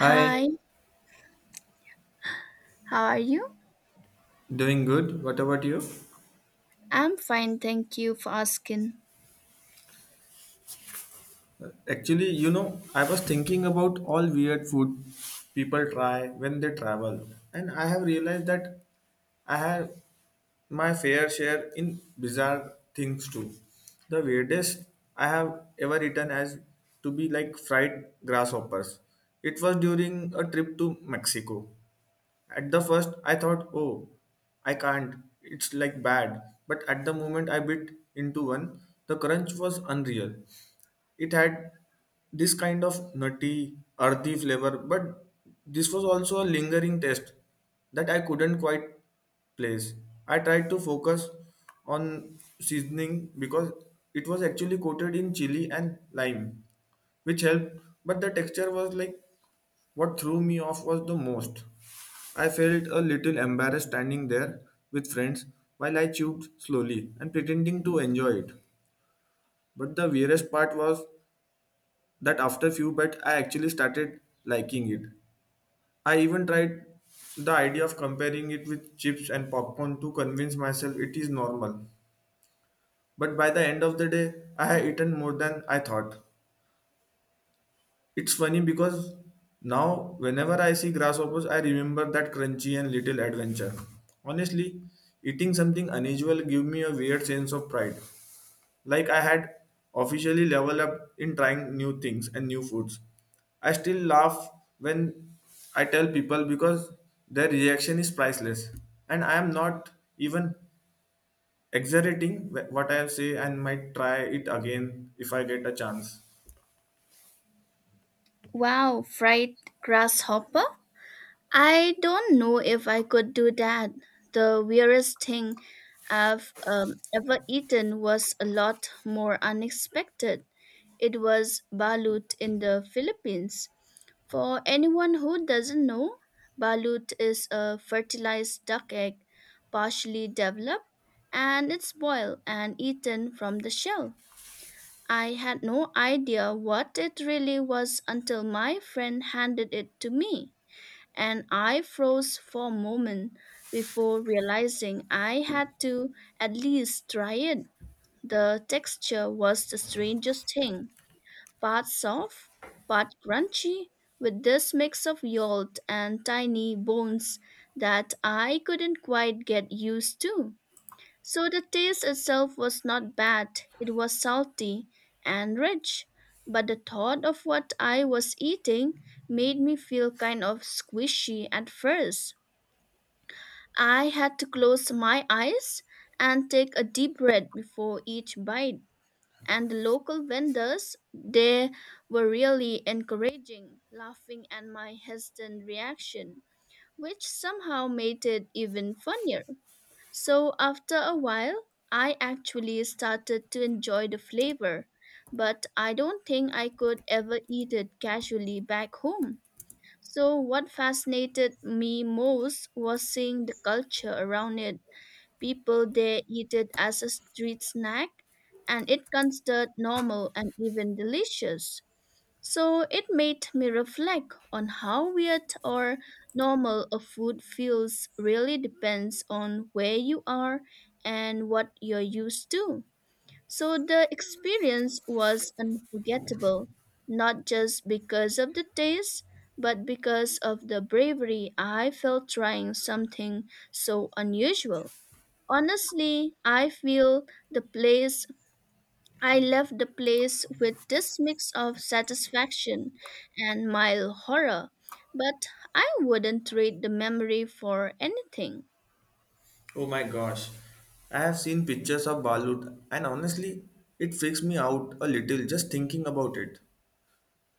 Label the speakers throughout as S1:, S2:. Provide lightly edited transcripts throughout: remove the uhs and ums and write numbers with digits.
S1: Hi,
S2: how are you?
S1: doing good. What about you?
S2: I'm fine, thank you for asking.
S1: Actually, I was thinking about all weird food people try when they travel, and I have realized that I have my fair share in bizarre things too. The weirdest I have ever eaten has to be like fried grasshoppers. It was during a trip to Mexico. At the first, I thought, oh, I can't, it's like bad. But at the moment I bit into one, the crunch was unreal. It had this kind of nutty, earthy flavor, but this was also a lingering taste that I couldn't quite place. I tried to focus on seasoning because it was actually coated in chili and lime, which helped, but the texture was like what threw me off was the most. I felt a little embarrassed standing there with friends while I chewed slowly and pretending to enjoy it. But the weirdest part was that after few but I actually started liking it. I even tried the idea of comparing it with chips and popcorn to convince myself it is normal. But by the end of the day, I had eaten more than I thought. It's funny because now whenever I see grasshoppers, I remember that crunchy and little adventure. Honestly, eating something unusual give me a weird sense of pride, like I had officially leveled up in trying new things and new foods. I still laugh when I tell people because their reaction is priceless. And I am not even exaggerating what I say and might try it again if I get a chance.
S2: Wow, fried grasshopper? I don't know if I could do that. The weirdest thing I've ever eaten was a lot more unexpected. It was balut in the Philippines. For anyone who doesn't know, balut is a fertilized duck egg, partially developed, and it's boiled and eaten from the shell. I had no idea what it really was until my friend handed it to me, and I froze for a moment before realizing I had to at least try it. The texture was the strangest thing, part soft, part crunchy, with this mix of yolk and tiny bones that I couldn't quite get used to. So the taste itself was not bad, it was salty and rich, but the thought of what I was eating made me feel kind of squishy at first. I had to close my eyes and take a deep breath before each bite. And the local vendors, they were really encouraging, laughing at my hesitant reaction, which somehow made it even funnier. So after a while, I actually started to enjoy the flavor, but I don't think I could ever eat it casually back home. So what fascinated me most was seeing the culture around it. People there eat it as a street snack, and it considered normal and even delicious. So it made me reflect on how weird or normal a food feels really depends on where you are and what you're used to. So the experience was unforgettable, not just because of the taste, but because of the bravery I felt trying something so unusual. Honestly, the place I left the place with this mix of satisfaction and mild horror, but I wouldn't trade the memory for anything.
S1: Oh my gosh. I have seen pictures of balut and honestly it freaks me out a little just thinking about it.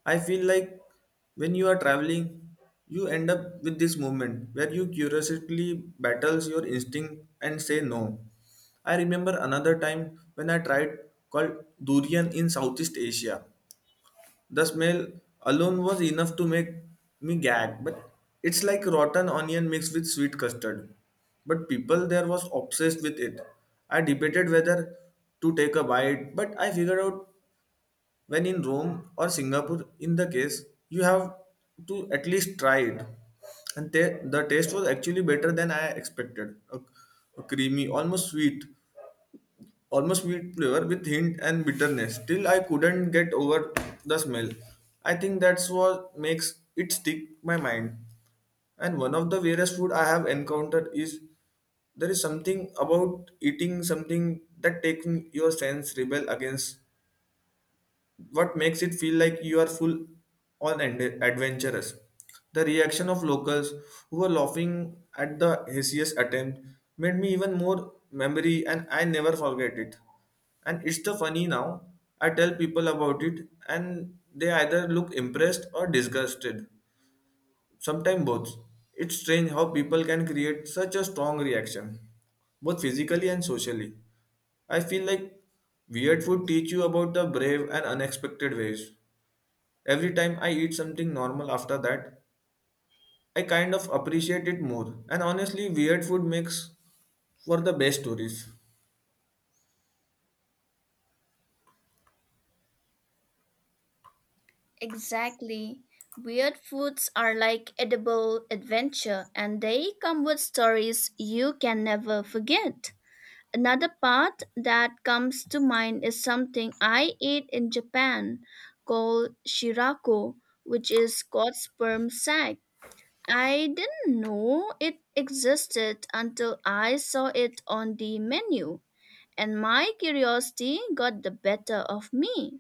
S1: I feel like when you are traveling, you end up with this moment where you curiously battles your instinct and say no. I remember another time when I tried called durian in Southeast Asia. The smell alone was enough to make me gag, but it's like rotten onion mixed with sweet custard. But people there was obsessed with it. I debated whether to take a bite, but I figured out when in Rome or Singapore, in the case, you have to at least try it. And ta the taste was actually better than I expected. A creamy, almost sweet flavor with hint and bitterness. Still, I couldn't get over the smell. I think that's what makes it stick my mind. And one of the weirdest food I have encountered is there is something about eating something that takes your sense rebel against what makes it feel like you are full on and adventurous. The reaction of locals who were laughing at the hideous attempt made me even more memory and I never forget it. And it's the funny now. I tell people about it and they either look impressed or disgusted. Sometimes both. It's strange how people can create such a strong reaction, both physically and socially. I feel like weird food teach you about the brave and unexpected ways. Every time I eat something normal after that, I kind of appreciate it more. And honestly, weird food makes for the best stories.
S2: Exactly. Weird foods are like edible adventure and they come with stories you can never forget. Another part that comes to mind is something I ate in Japan called shirako, which is cod sperm sac. I didn't know it existed until I saw it on the menu, and my curiosity got the better of me.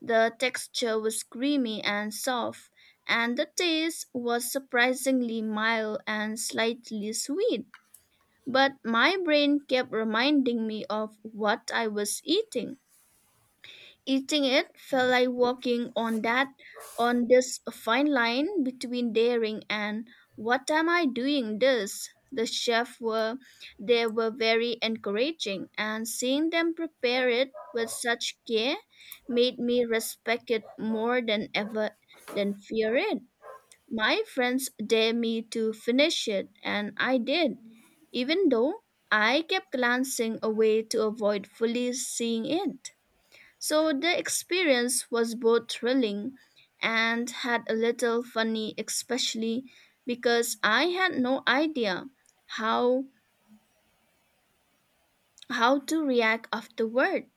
S2: The texture was creamy and soft, and the taste was surprisingly mild and slightly sweet. But my brain kept reminding me of what I was eating. Eating it felt like walking on that on this fine line between daring and what am I doing this? They were very encouraging and seeing them prepare it with such care made me respect it more than ever than fear it. My friends dared me to finish it and I did, even though I kept glancing away to avoid fully seeing it. So the experience was both thrilling and had a little funny, especially because I had no idea how how to react afterward.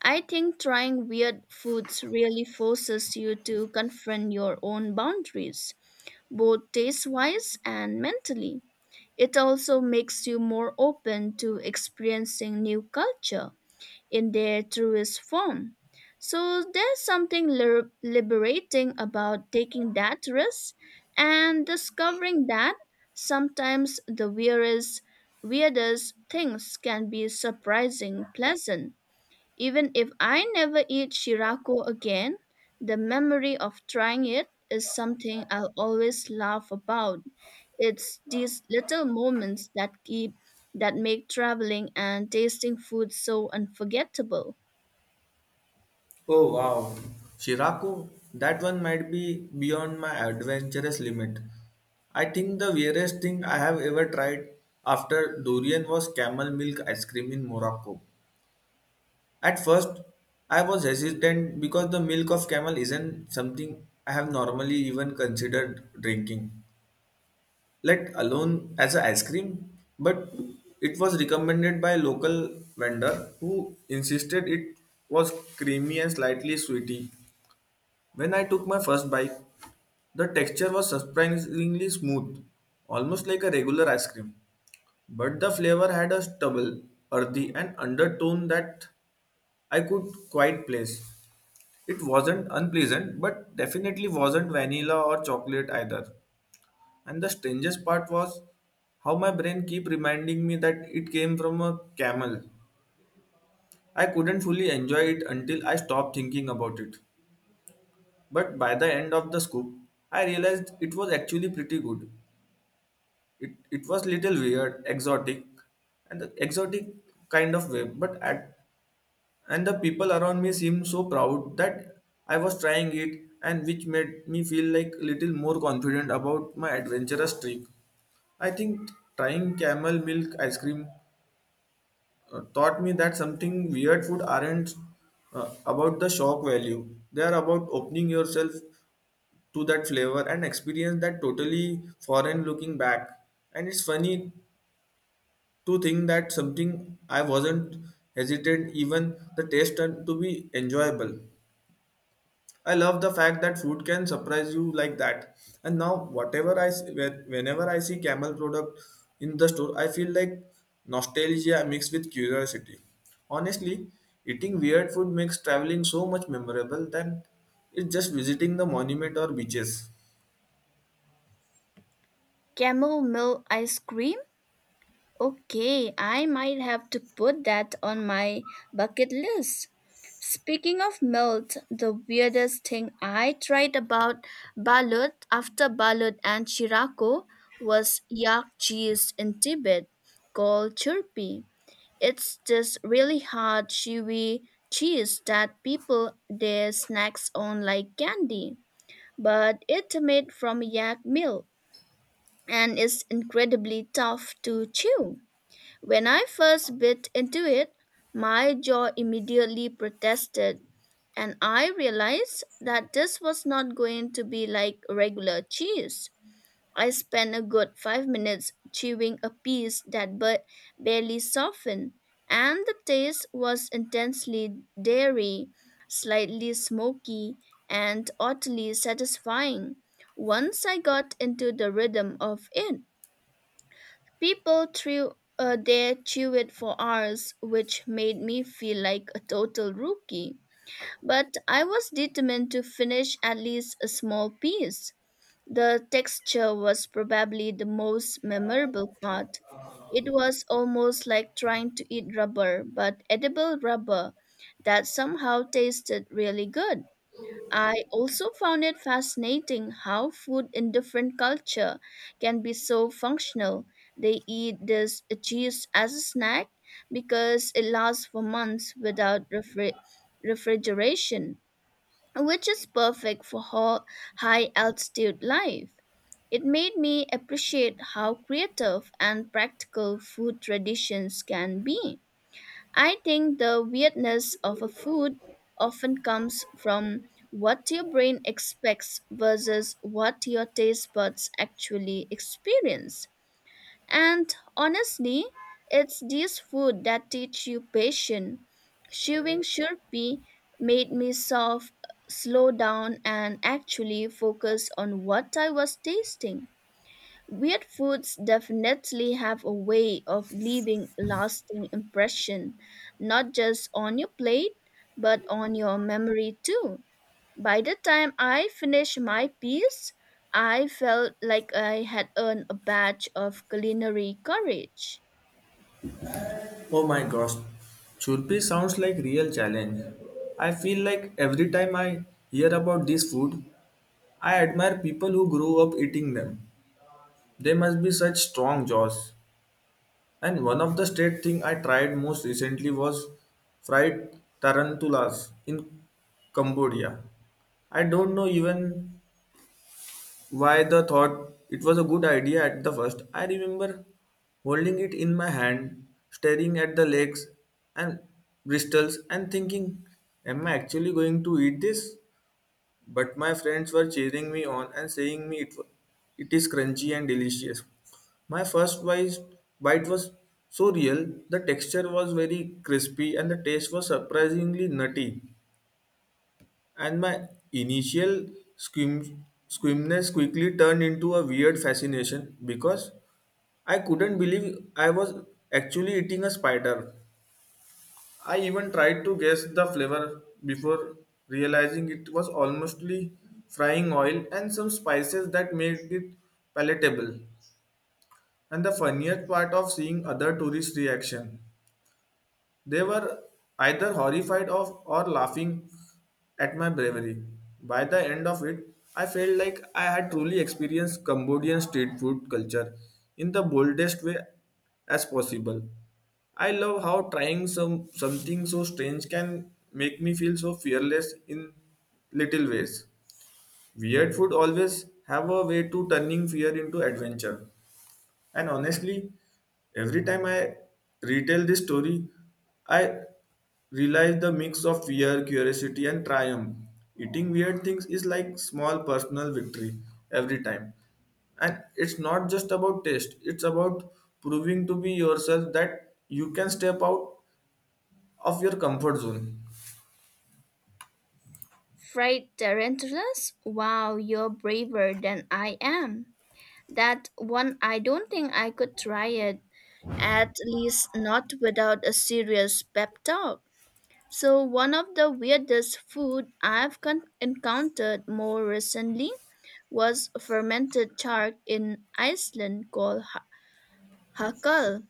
S2: I think trying weird foods really forces you to confront your own boundaries, both taste-wise and mentally. It also makes you more open to experiencing new culture in their truest form. So there's something liberating about taking that risk and discovering that sometimes the weirdest things can be surprising pleasant. Even if I never eat Shirako again, the memory of trying it is something I'll always laugh about. It's these little moments that keep that make traveling and tasting food so unforgettable.
S1: Oh wow. Shirako, that one might be beyond my adventurous limit. I think the weirdest thing I have ever tried after durian was camel milk ice cream in Morocco. At first, I was hesitant because the milk of camel isn't something I have normally even considered drinking, let alone as a ice cream, but it was recommended by a local vendor who insisted it was creamy and slightly sweety. When I took my first bite, the texture was surprisingly smooth, almost like a regular ice cream, but the flavor had a stubble, earthy and undertone that I could quite place. It wasn't unpleasant, but definitely wasn't vanilla or chocolate either. And the strangest part was how my brain keep reminding me that it came from a camel. I couldn't fully enjoy it until I stopped thinking about it. But by the end of the scoop, I realized it was actually pretty good. It was little weird, exotic, and the exotic kind of way. But at and the people around me seemed so proud that I was trying it, and which made me feel like little more confident about my adventurous trip. I think trying camel milk ice cream taught me that something weird food aren't about the shock value. They are about opening yourself to that flavor and experience that totally foreign looking back. And it's funny to think that something I wasn't hesitant even the taste turned to be enjoyable. I love the fact that food can surprise you like that. And now, whatever I see, whenever I see Camel product in the store, I feel like nostalgia mixed with curiosity. Honestly, eating weird food makes traveling so much memorable than it's just visiting the monument or beaches.
S2: Camel milk ice cream. Okay, I might have to put that on my bucket list. Speaking of melt, the weirdest thing I tried about balut and shirako was yak cheese in Tibet called churpi. It's this really hard chewy cheese that people their snacks on like candy, but it's made from yak milk and is incredibly tough to chew. When I first bit into it, my jaw immediately protested, and I realized that this was not going to be like regular cheese. I spent a good 5 minutes chewing a piece that but barely softened, and the taste was intensely dairy, slightly smoky, and oddly satisfying once I got into the rhythm of it. People threw their chewed for hours, which made me feel like a total rookie. But I was determined to finish at least a small piece. The texture was probably the most memorable part. It was almost like trying to eat rubber, but edible rubber that somehow tasted really good. I also found it fascinating how food in different culture can be so functional. They eat this cheese as a snack because it lasts for months without refrigeration, which is perfect for high altitude life. It made me appreciate how creative and practical food traditions can be. I think the weirdness of a food often comes from what your brain expects versus what your taste buds actually experience. And honestly, it's these food that teach you patience. Chewing Shurpi made me soft, slow down, and actually focus on what I was tasting. Weird foods definitely have a way of leaving a lasting impression, not just on your plate, but on your memory too. By the time I finished my piece, I felt like I had earned a badge of culinary courage.
S1: Oh my gosh, Churpi sounds like real challenge. I feel like every time I hear about this food, I admire people who grew up eating them. They must be such strong jaws. And one of the state thing I tried most recently was fried tarantulas in Cambodia. I don't know even why the thought it was a good idea at the first. I remember holding it in my hand, staring at the legs and bristles and thinking, am I actually going to eat this? But my friends were cheering me on and saying me it is crunchy and delicious. My first bite was so real, the texture was very crispy and the taste was surprisingly nutty. And my initial squimness quickly turned into a weird fascination because I couldn't believe I was actually eating a spider. I even tried to guess the flavor before realizing it was almostly frying oil and some spices that made it palatable. And the funniest part of seeing other tourists' reaction, they were either horrified of or laughing at my bravery. By the end of it, I felt like I had truly experienced Cambodian street food culture in the boldest way as possible. I love how trying something so strange can make me feel so fearless in little ways. Weird food always have a way to turning fear into adventure. And honestly, every time I retell this story, I realize the mix of fear, curiosity, and triumph. Eating weird things is like small personal victory every time. And it's not just about taste, it's about proving to be yourself that you can step out of your comfort zone.
S2: Fried tarantulas? Wow, you're braver than I am. That one, I don't think I could try it, at least not without a serious pep talk. So, one of the weirdest food I've encountered more recently was fermented shark in Iceland called hakal.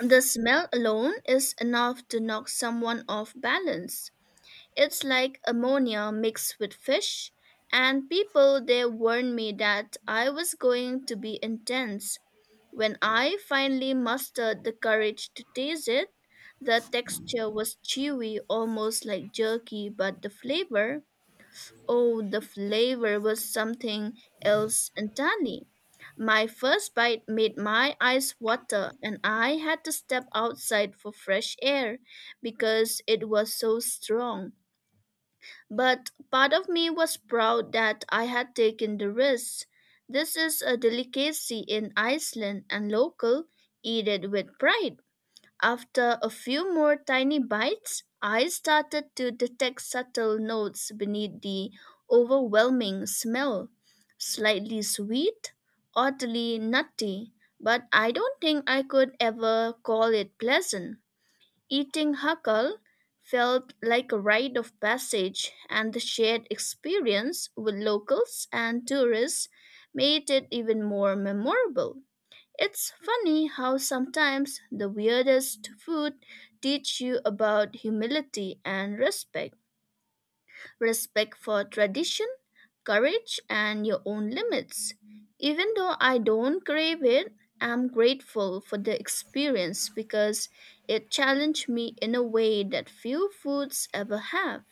S2: The smell alone is enough to knock someone off balance. It's like ammonia mixed with fish, and people there warned me that I was going to be intense. When I finally mustered the courage to taste it, the texture was chewy, almost like jerky, but the flavor, oh, the flavor was something else entirely. My first bite made my eyes water, and I had to step outside for fresh air because it was so strong. But part of me was proud that I had taken the risk. This is a delicacy in Iceland and local, eat it with pride. After a few more tiny bites, I started to detect subtle notes beneath the overwhelming smell. Slightly sweet, oddly nutty, but I don't think I could ever call it pleasant. Eating Hakal felt like a rite of passage, and the shared experience with locals and tourists made it even more memorable. It's funny how sometimes the weirdest food teach you about humility and respect for tradition, courage, and your own limits. Even though I don't crave it, I'm grateful for the experience because it challenged me in a way that few foods ever have.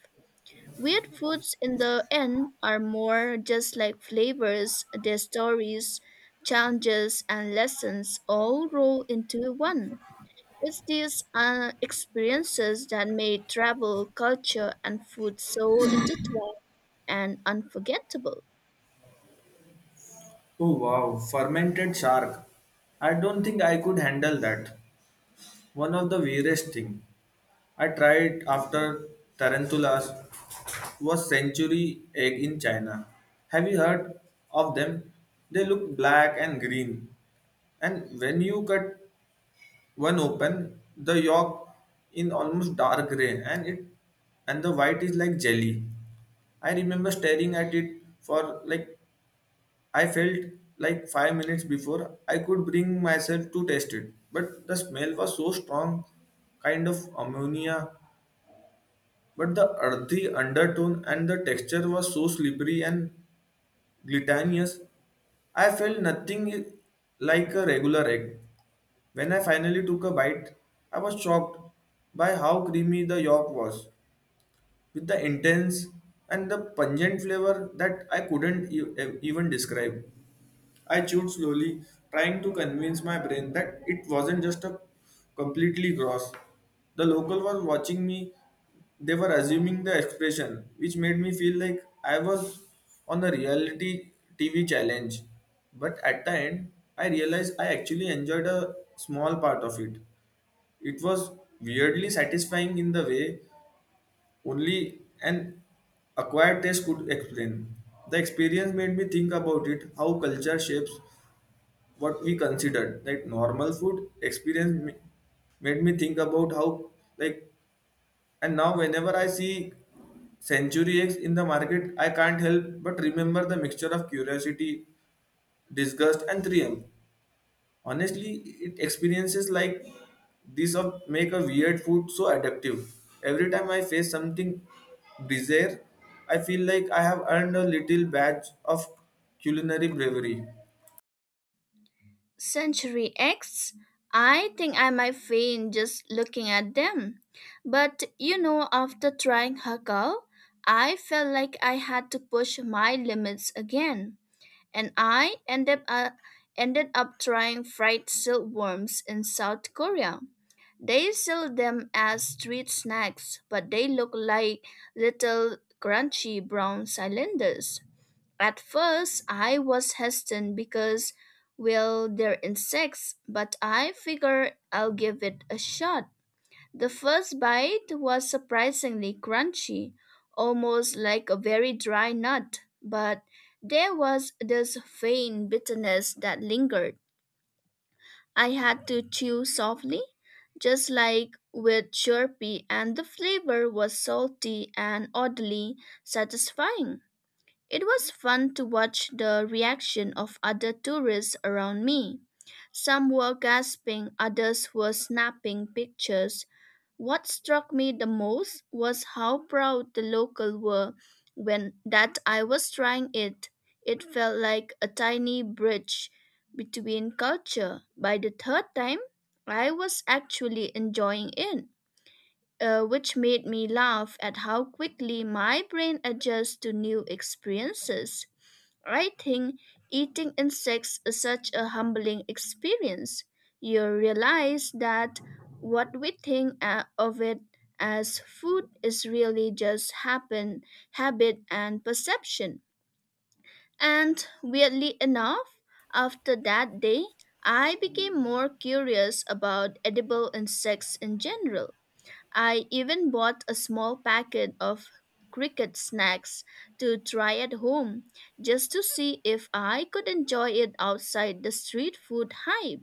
S2: Weird foods in the end are more just like flavors, their stories, challenges, and lessons all roll into one. It's these experiences that made travel, culture, and food so intertwined and unforgettable.
S1: Oh wow, fermented shark. I don't think I could handle that. One of the weirdest thing I tried after tarantulas was century egg in China. Have you heard of them? They look black and green, and when you cut one open, the yolk in almost dark gray, and the white is like jelly. I remember staring at it for like I felt like 5 minutes before I could bring myself to taste it, but the smell was so strong, kind of ammonia but the earthy undertone and the texture was so slippery and glutinous. I felt nothing like a regular egg. When I finally took a bite, I was shocked by how creamy the yolk was, with the intense and the pungent flavor that I couldn't even describe. I chewed slowly, trying to convince my brain that it wasn't just a completely gross. The local was watching me. They were assuming the expression, which made me feel like I was on a reality TV challenge. But at the end, I realized I actually enjoyed a small part of it. It was weirdly satisfying in the way only an acquired taste could explain. The experience made me think about it how culture shapes what we considered like normal food experience made me think about how like. And now, whenever I see century eggs in the market, I can't help but remember the mixture of curiosity, disgust, and triumph. Honestly, it experiences like this of make a weird food so addictive. Every time I face something bizarre, I feel like I have earned a little badge of culinary bravery.
S2: Century X, I think I might faint just looking at them. But you know, after trying Hakao, I felt like I had to push my limits again. And ended up trying fried silkworms in South Korea. They sell them as street snacks, but they look like little crunchy brown cylinders. At first, I was hesitant because, well, they're insects, but I figure I'll give it a shot. The first bite was surprisingly crunchy, almost like a very dry nut, but there was this faint bitterness that lingered. I had to chew softly, just like with Slurpee, and the flavor was salty and oddly satisfying. It was fun to watch the reaction of other tourists around me. Some were gasping, others were snapping pictures, what struck me the most was how proud the locals were when that I was trying it. It felt like a tiny bridge between culture. By the third time, I was actually enjoying it, which made me laugh at how quickly my brain adjusts to new experiences. I think eating insects is such a humbling experience. You realize that what we think of it as food is really just habit and perception. And weirdly enough, after that day, I became more curious about edible insects in general. I even bought a small packet of cricket snacks to try at home just to see if I could enjoy it outside the street food hype.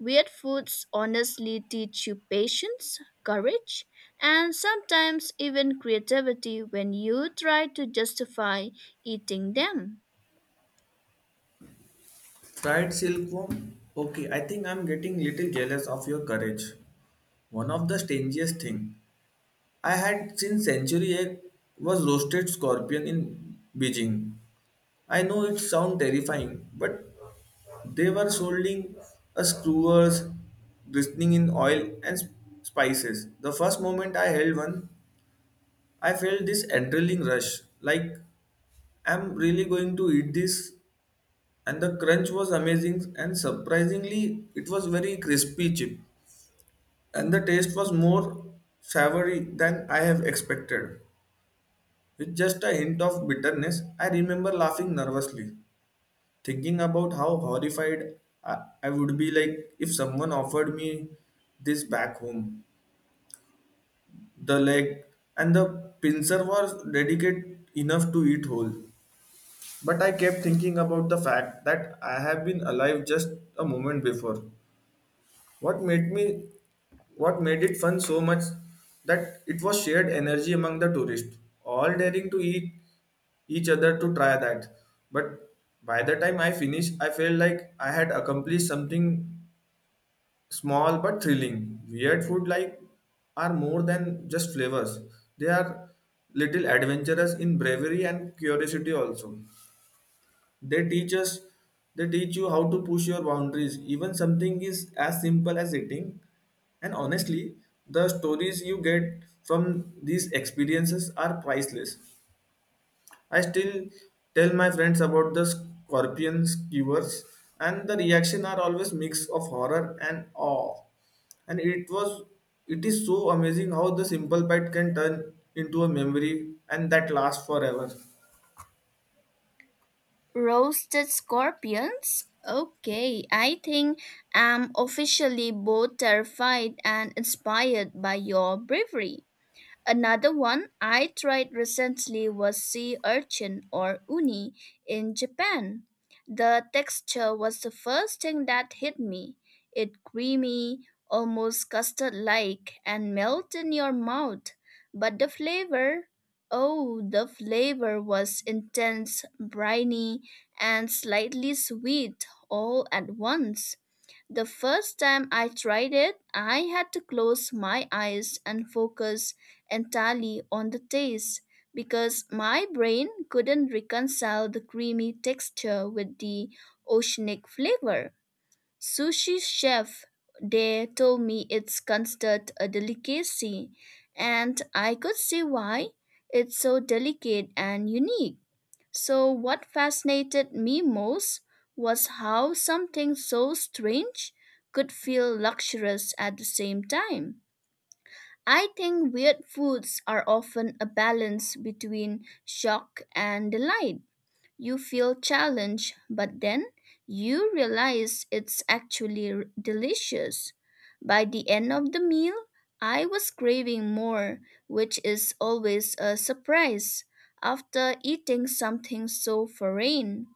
S2: Weird foods honestly teach you patience, courage, and sometimes even creativity when you try to justify eating them.
S1: Fried silkworm? Okay, I think I'm getting little jealous of your courage. One of the strangest thing I had since century egg was roasted scorpion in Beijing. I know it sounds terrifying, but they were soldering a screwers glistening in oil and spices. The first moment I held one, I felt this adrenaline rush, like I'm really going to eat this. And the crunch was amazing, and surprisingly it was very crispy chip, and the taste was more savory than I have expected, with just a hint of bitterness. I remember laughing nervously, thinking about how horrified i, I would be like if someone offered me this back home. The leg and the pincer was delicate enough to eat whole, but I kept thinking about the fact that I have been alive just a moment before. What made me what made it fun so much that it was shared energy among the tourists, all daring to eat each other to try that. But by the time I finished, I felt like I had accomplished something small but thrilling. Weird food like are more than just flavors. They are little adventurous in bravery and curiosity also. They teach us, they teach you how to push your boundaries. Even something is as simple as eating. And honestly, the stories you get from these experiences are priceless. I still tell my friends about the scorpion skewers, and the reaction are always mix of horror and awe. And it is so amazing how the simple bite can turn into a memory and that lasts forever.
S2: Roasted scorpions? Okay, I think I'm officially both terrified and inspired by your bravery. Another one I tried recently was sea urchin or uni in Japan. The texture was the first thing that hit me. It creamy, almost custard like, and melt in your mouth. But the flavor, oh, the flavor was intense, briny, and slightly sweet all at once. The first time I tried it, I had to close my eyes and focus entirely on the taste because my brain couldn't reconcile the creamy texture with the oceanic flavor. Sushi chef there told me it's considered a delicacy, and I could see why it's so delicate and unique. So, what fascinated me most was how something so strange could feel luxurious at the same time. I think weird foods are often a balance between shock and delight. You feel challenged, but then you realize it's actually delicious. By the end of the meal, I was craving more, which is always a surprise after eating something so foreign.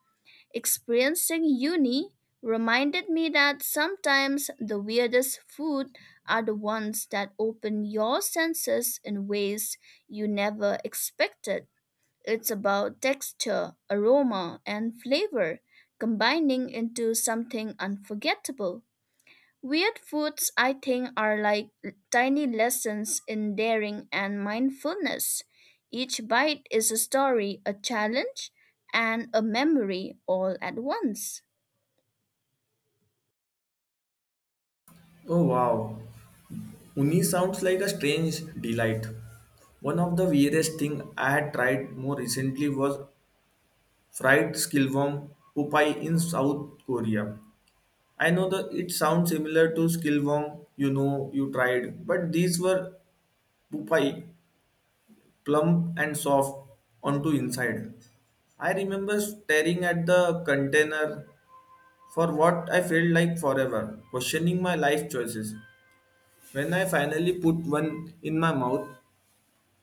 S2: Experiencing uni reminded me that sometimes the weirdest food are the ones that open your senses in ways you never expected. It's about texture, aroma, and flavor combining into something unforgettable. Weird foods, I think, are like tiny lessons in daring and mindfulness. Each bite is a story, a challenge, and a memory all at once.
S1: Oh wow! Uni sounds like a strange delight. One of the weirdest thing I had tried more recently was fried skilwang pupai in South Korea. I know that it sounds similar to skilwang you know you tried, but these were pupai, plump and soft onto inside. I remember staring at the container for what I felt like forever, questioning my life choices. When I finally put one in my mouth,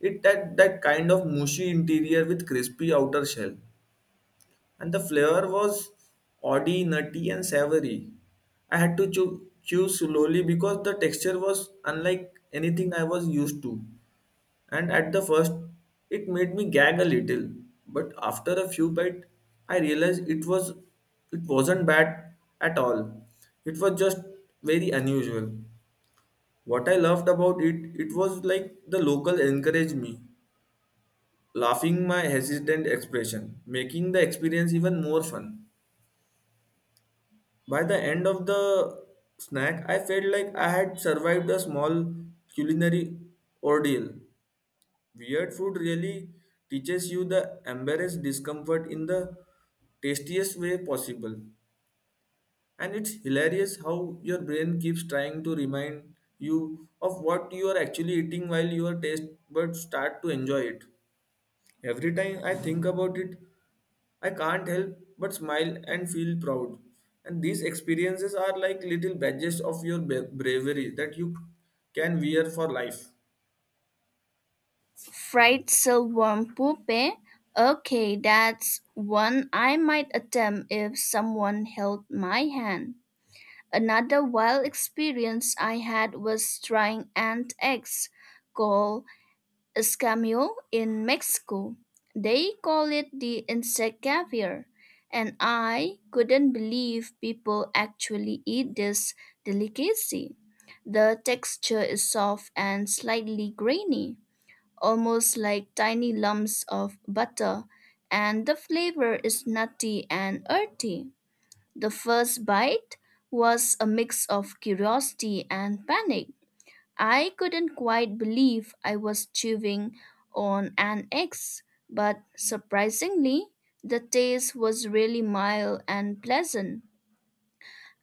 S1: it had that kind of mushy interior with crispy outer shell, and the flavor was oily, nutty, and savory. I had to chew slowly because the texture was unlike anything I was used to, and at the first, it made me gag a little. But after a few bites, I realized it wasn't bad at all. It was just very unusual. What I loved about it, it was like the local encouraged me laughing my hesitant expression, making the experience even more fun. By the end of the snack, I felt like I had survived a small culinary ordeal. Weird food really teaches you the embarrassed discomfort in the tastiest way possible. And it's hilarious how your brain keeps trying to remind you of what you are actually eating while your taste buds start to enjoy it. Every time I think about it, I can't help but smile and feel proud. And these experiences are like little badges of your bravery that you can wear for life.
S2: Fried silkworm pupe? Okay, that's one I might attempt if someone held my hand. Another wild experience I had was trying ant eggs called escamil in Mexico. They call it the insect caviar, and I couldn't believe people actually eat this delicacy. The texture is soft and slightly grainy, almost like tiny lumps of butter, and the flavor is nutty and earthy. The first bite was a mix of curiosity and panic. I couldn't quite believe I was chewing on an X, but surprisingly, the taste was really mild and pleasant.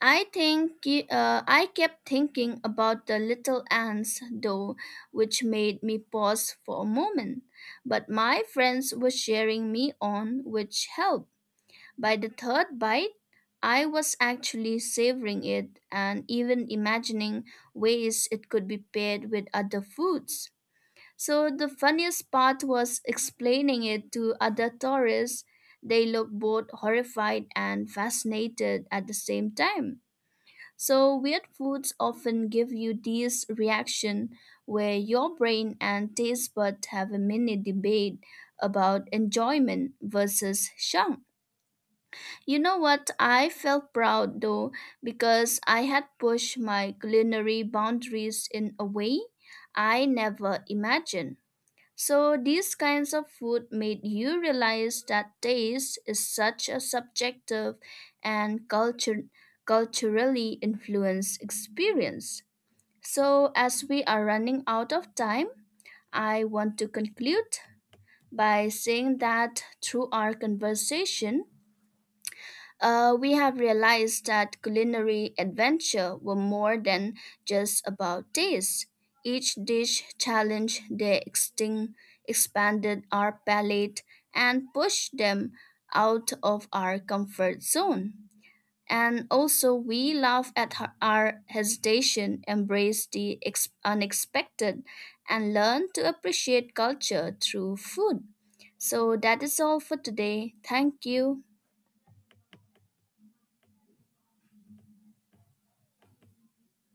S2: I think I kept thinking about the little ants, though, which made me pause for a moment. But my friends were cheering me on, which helped. By the third bite, I was actually savoring it and even imagining ways it could be paired with other foods. So the funniest part was explaining it to other tourists. They looked both horrified and fascinated at the same time. So weird foods often give you this reaction where your brain and taste buds have a mini debate about enjoyment versus shock. You know what? I felt proud though because I had pushed my culinary boundaries in a way I never imagined. So, these kinds of food made you realize that taste is such a subjective and culturally influenced experience. So, as we are running out of time, I want to conclude by saying that through our conversation, we have realized that culinary adventure were more than just about taste. Each dish challenged their extinct, expanded our palate, and pushed them out of our comfort zone. And also, we laugh at our hesitation, embrace the unexpected, and learn to appreciate culture through food. So, that is all for today. Thank you.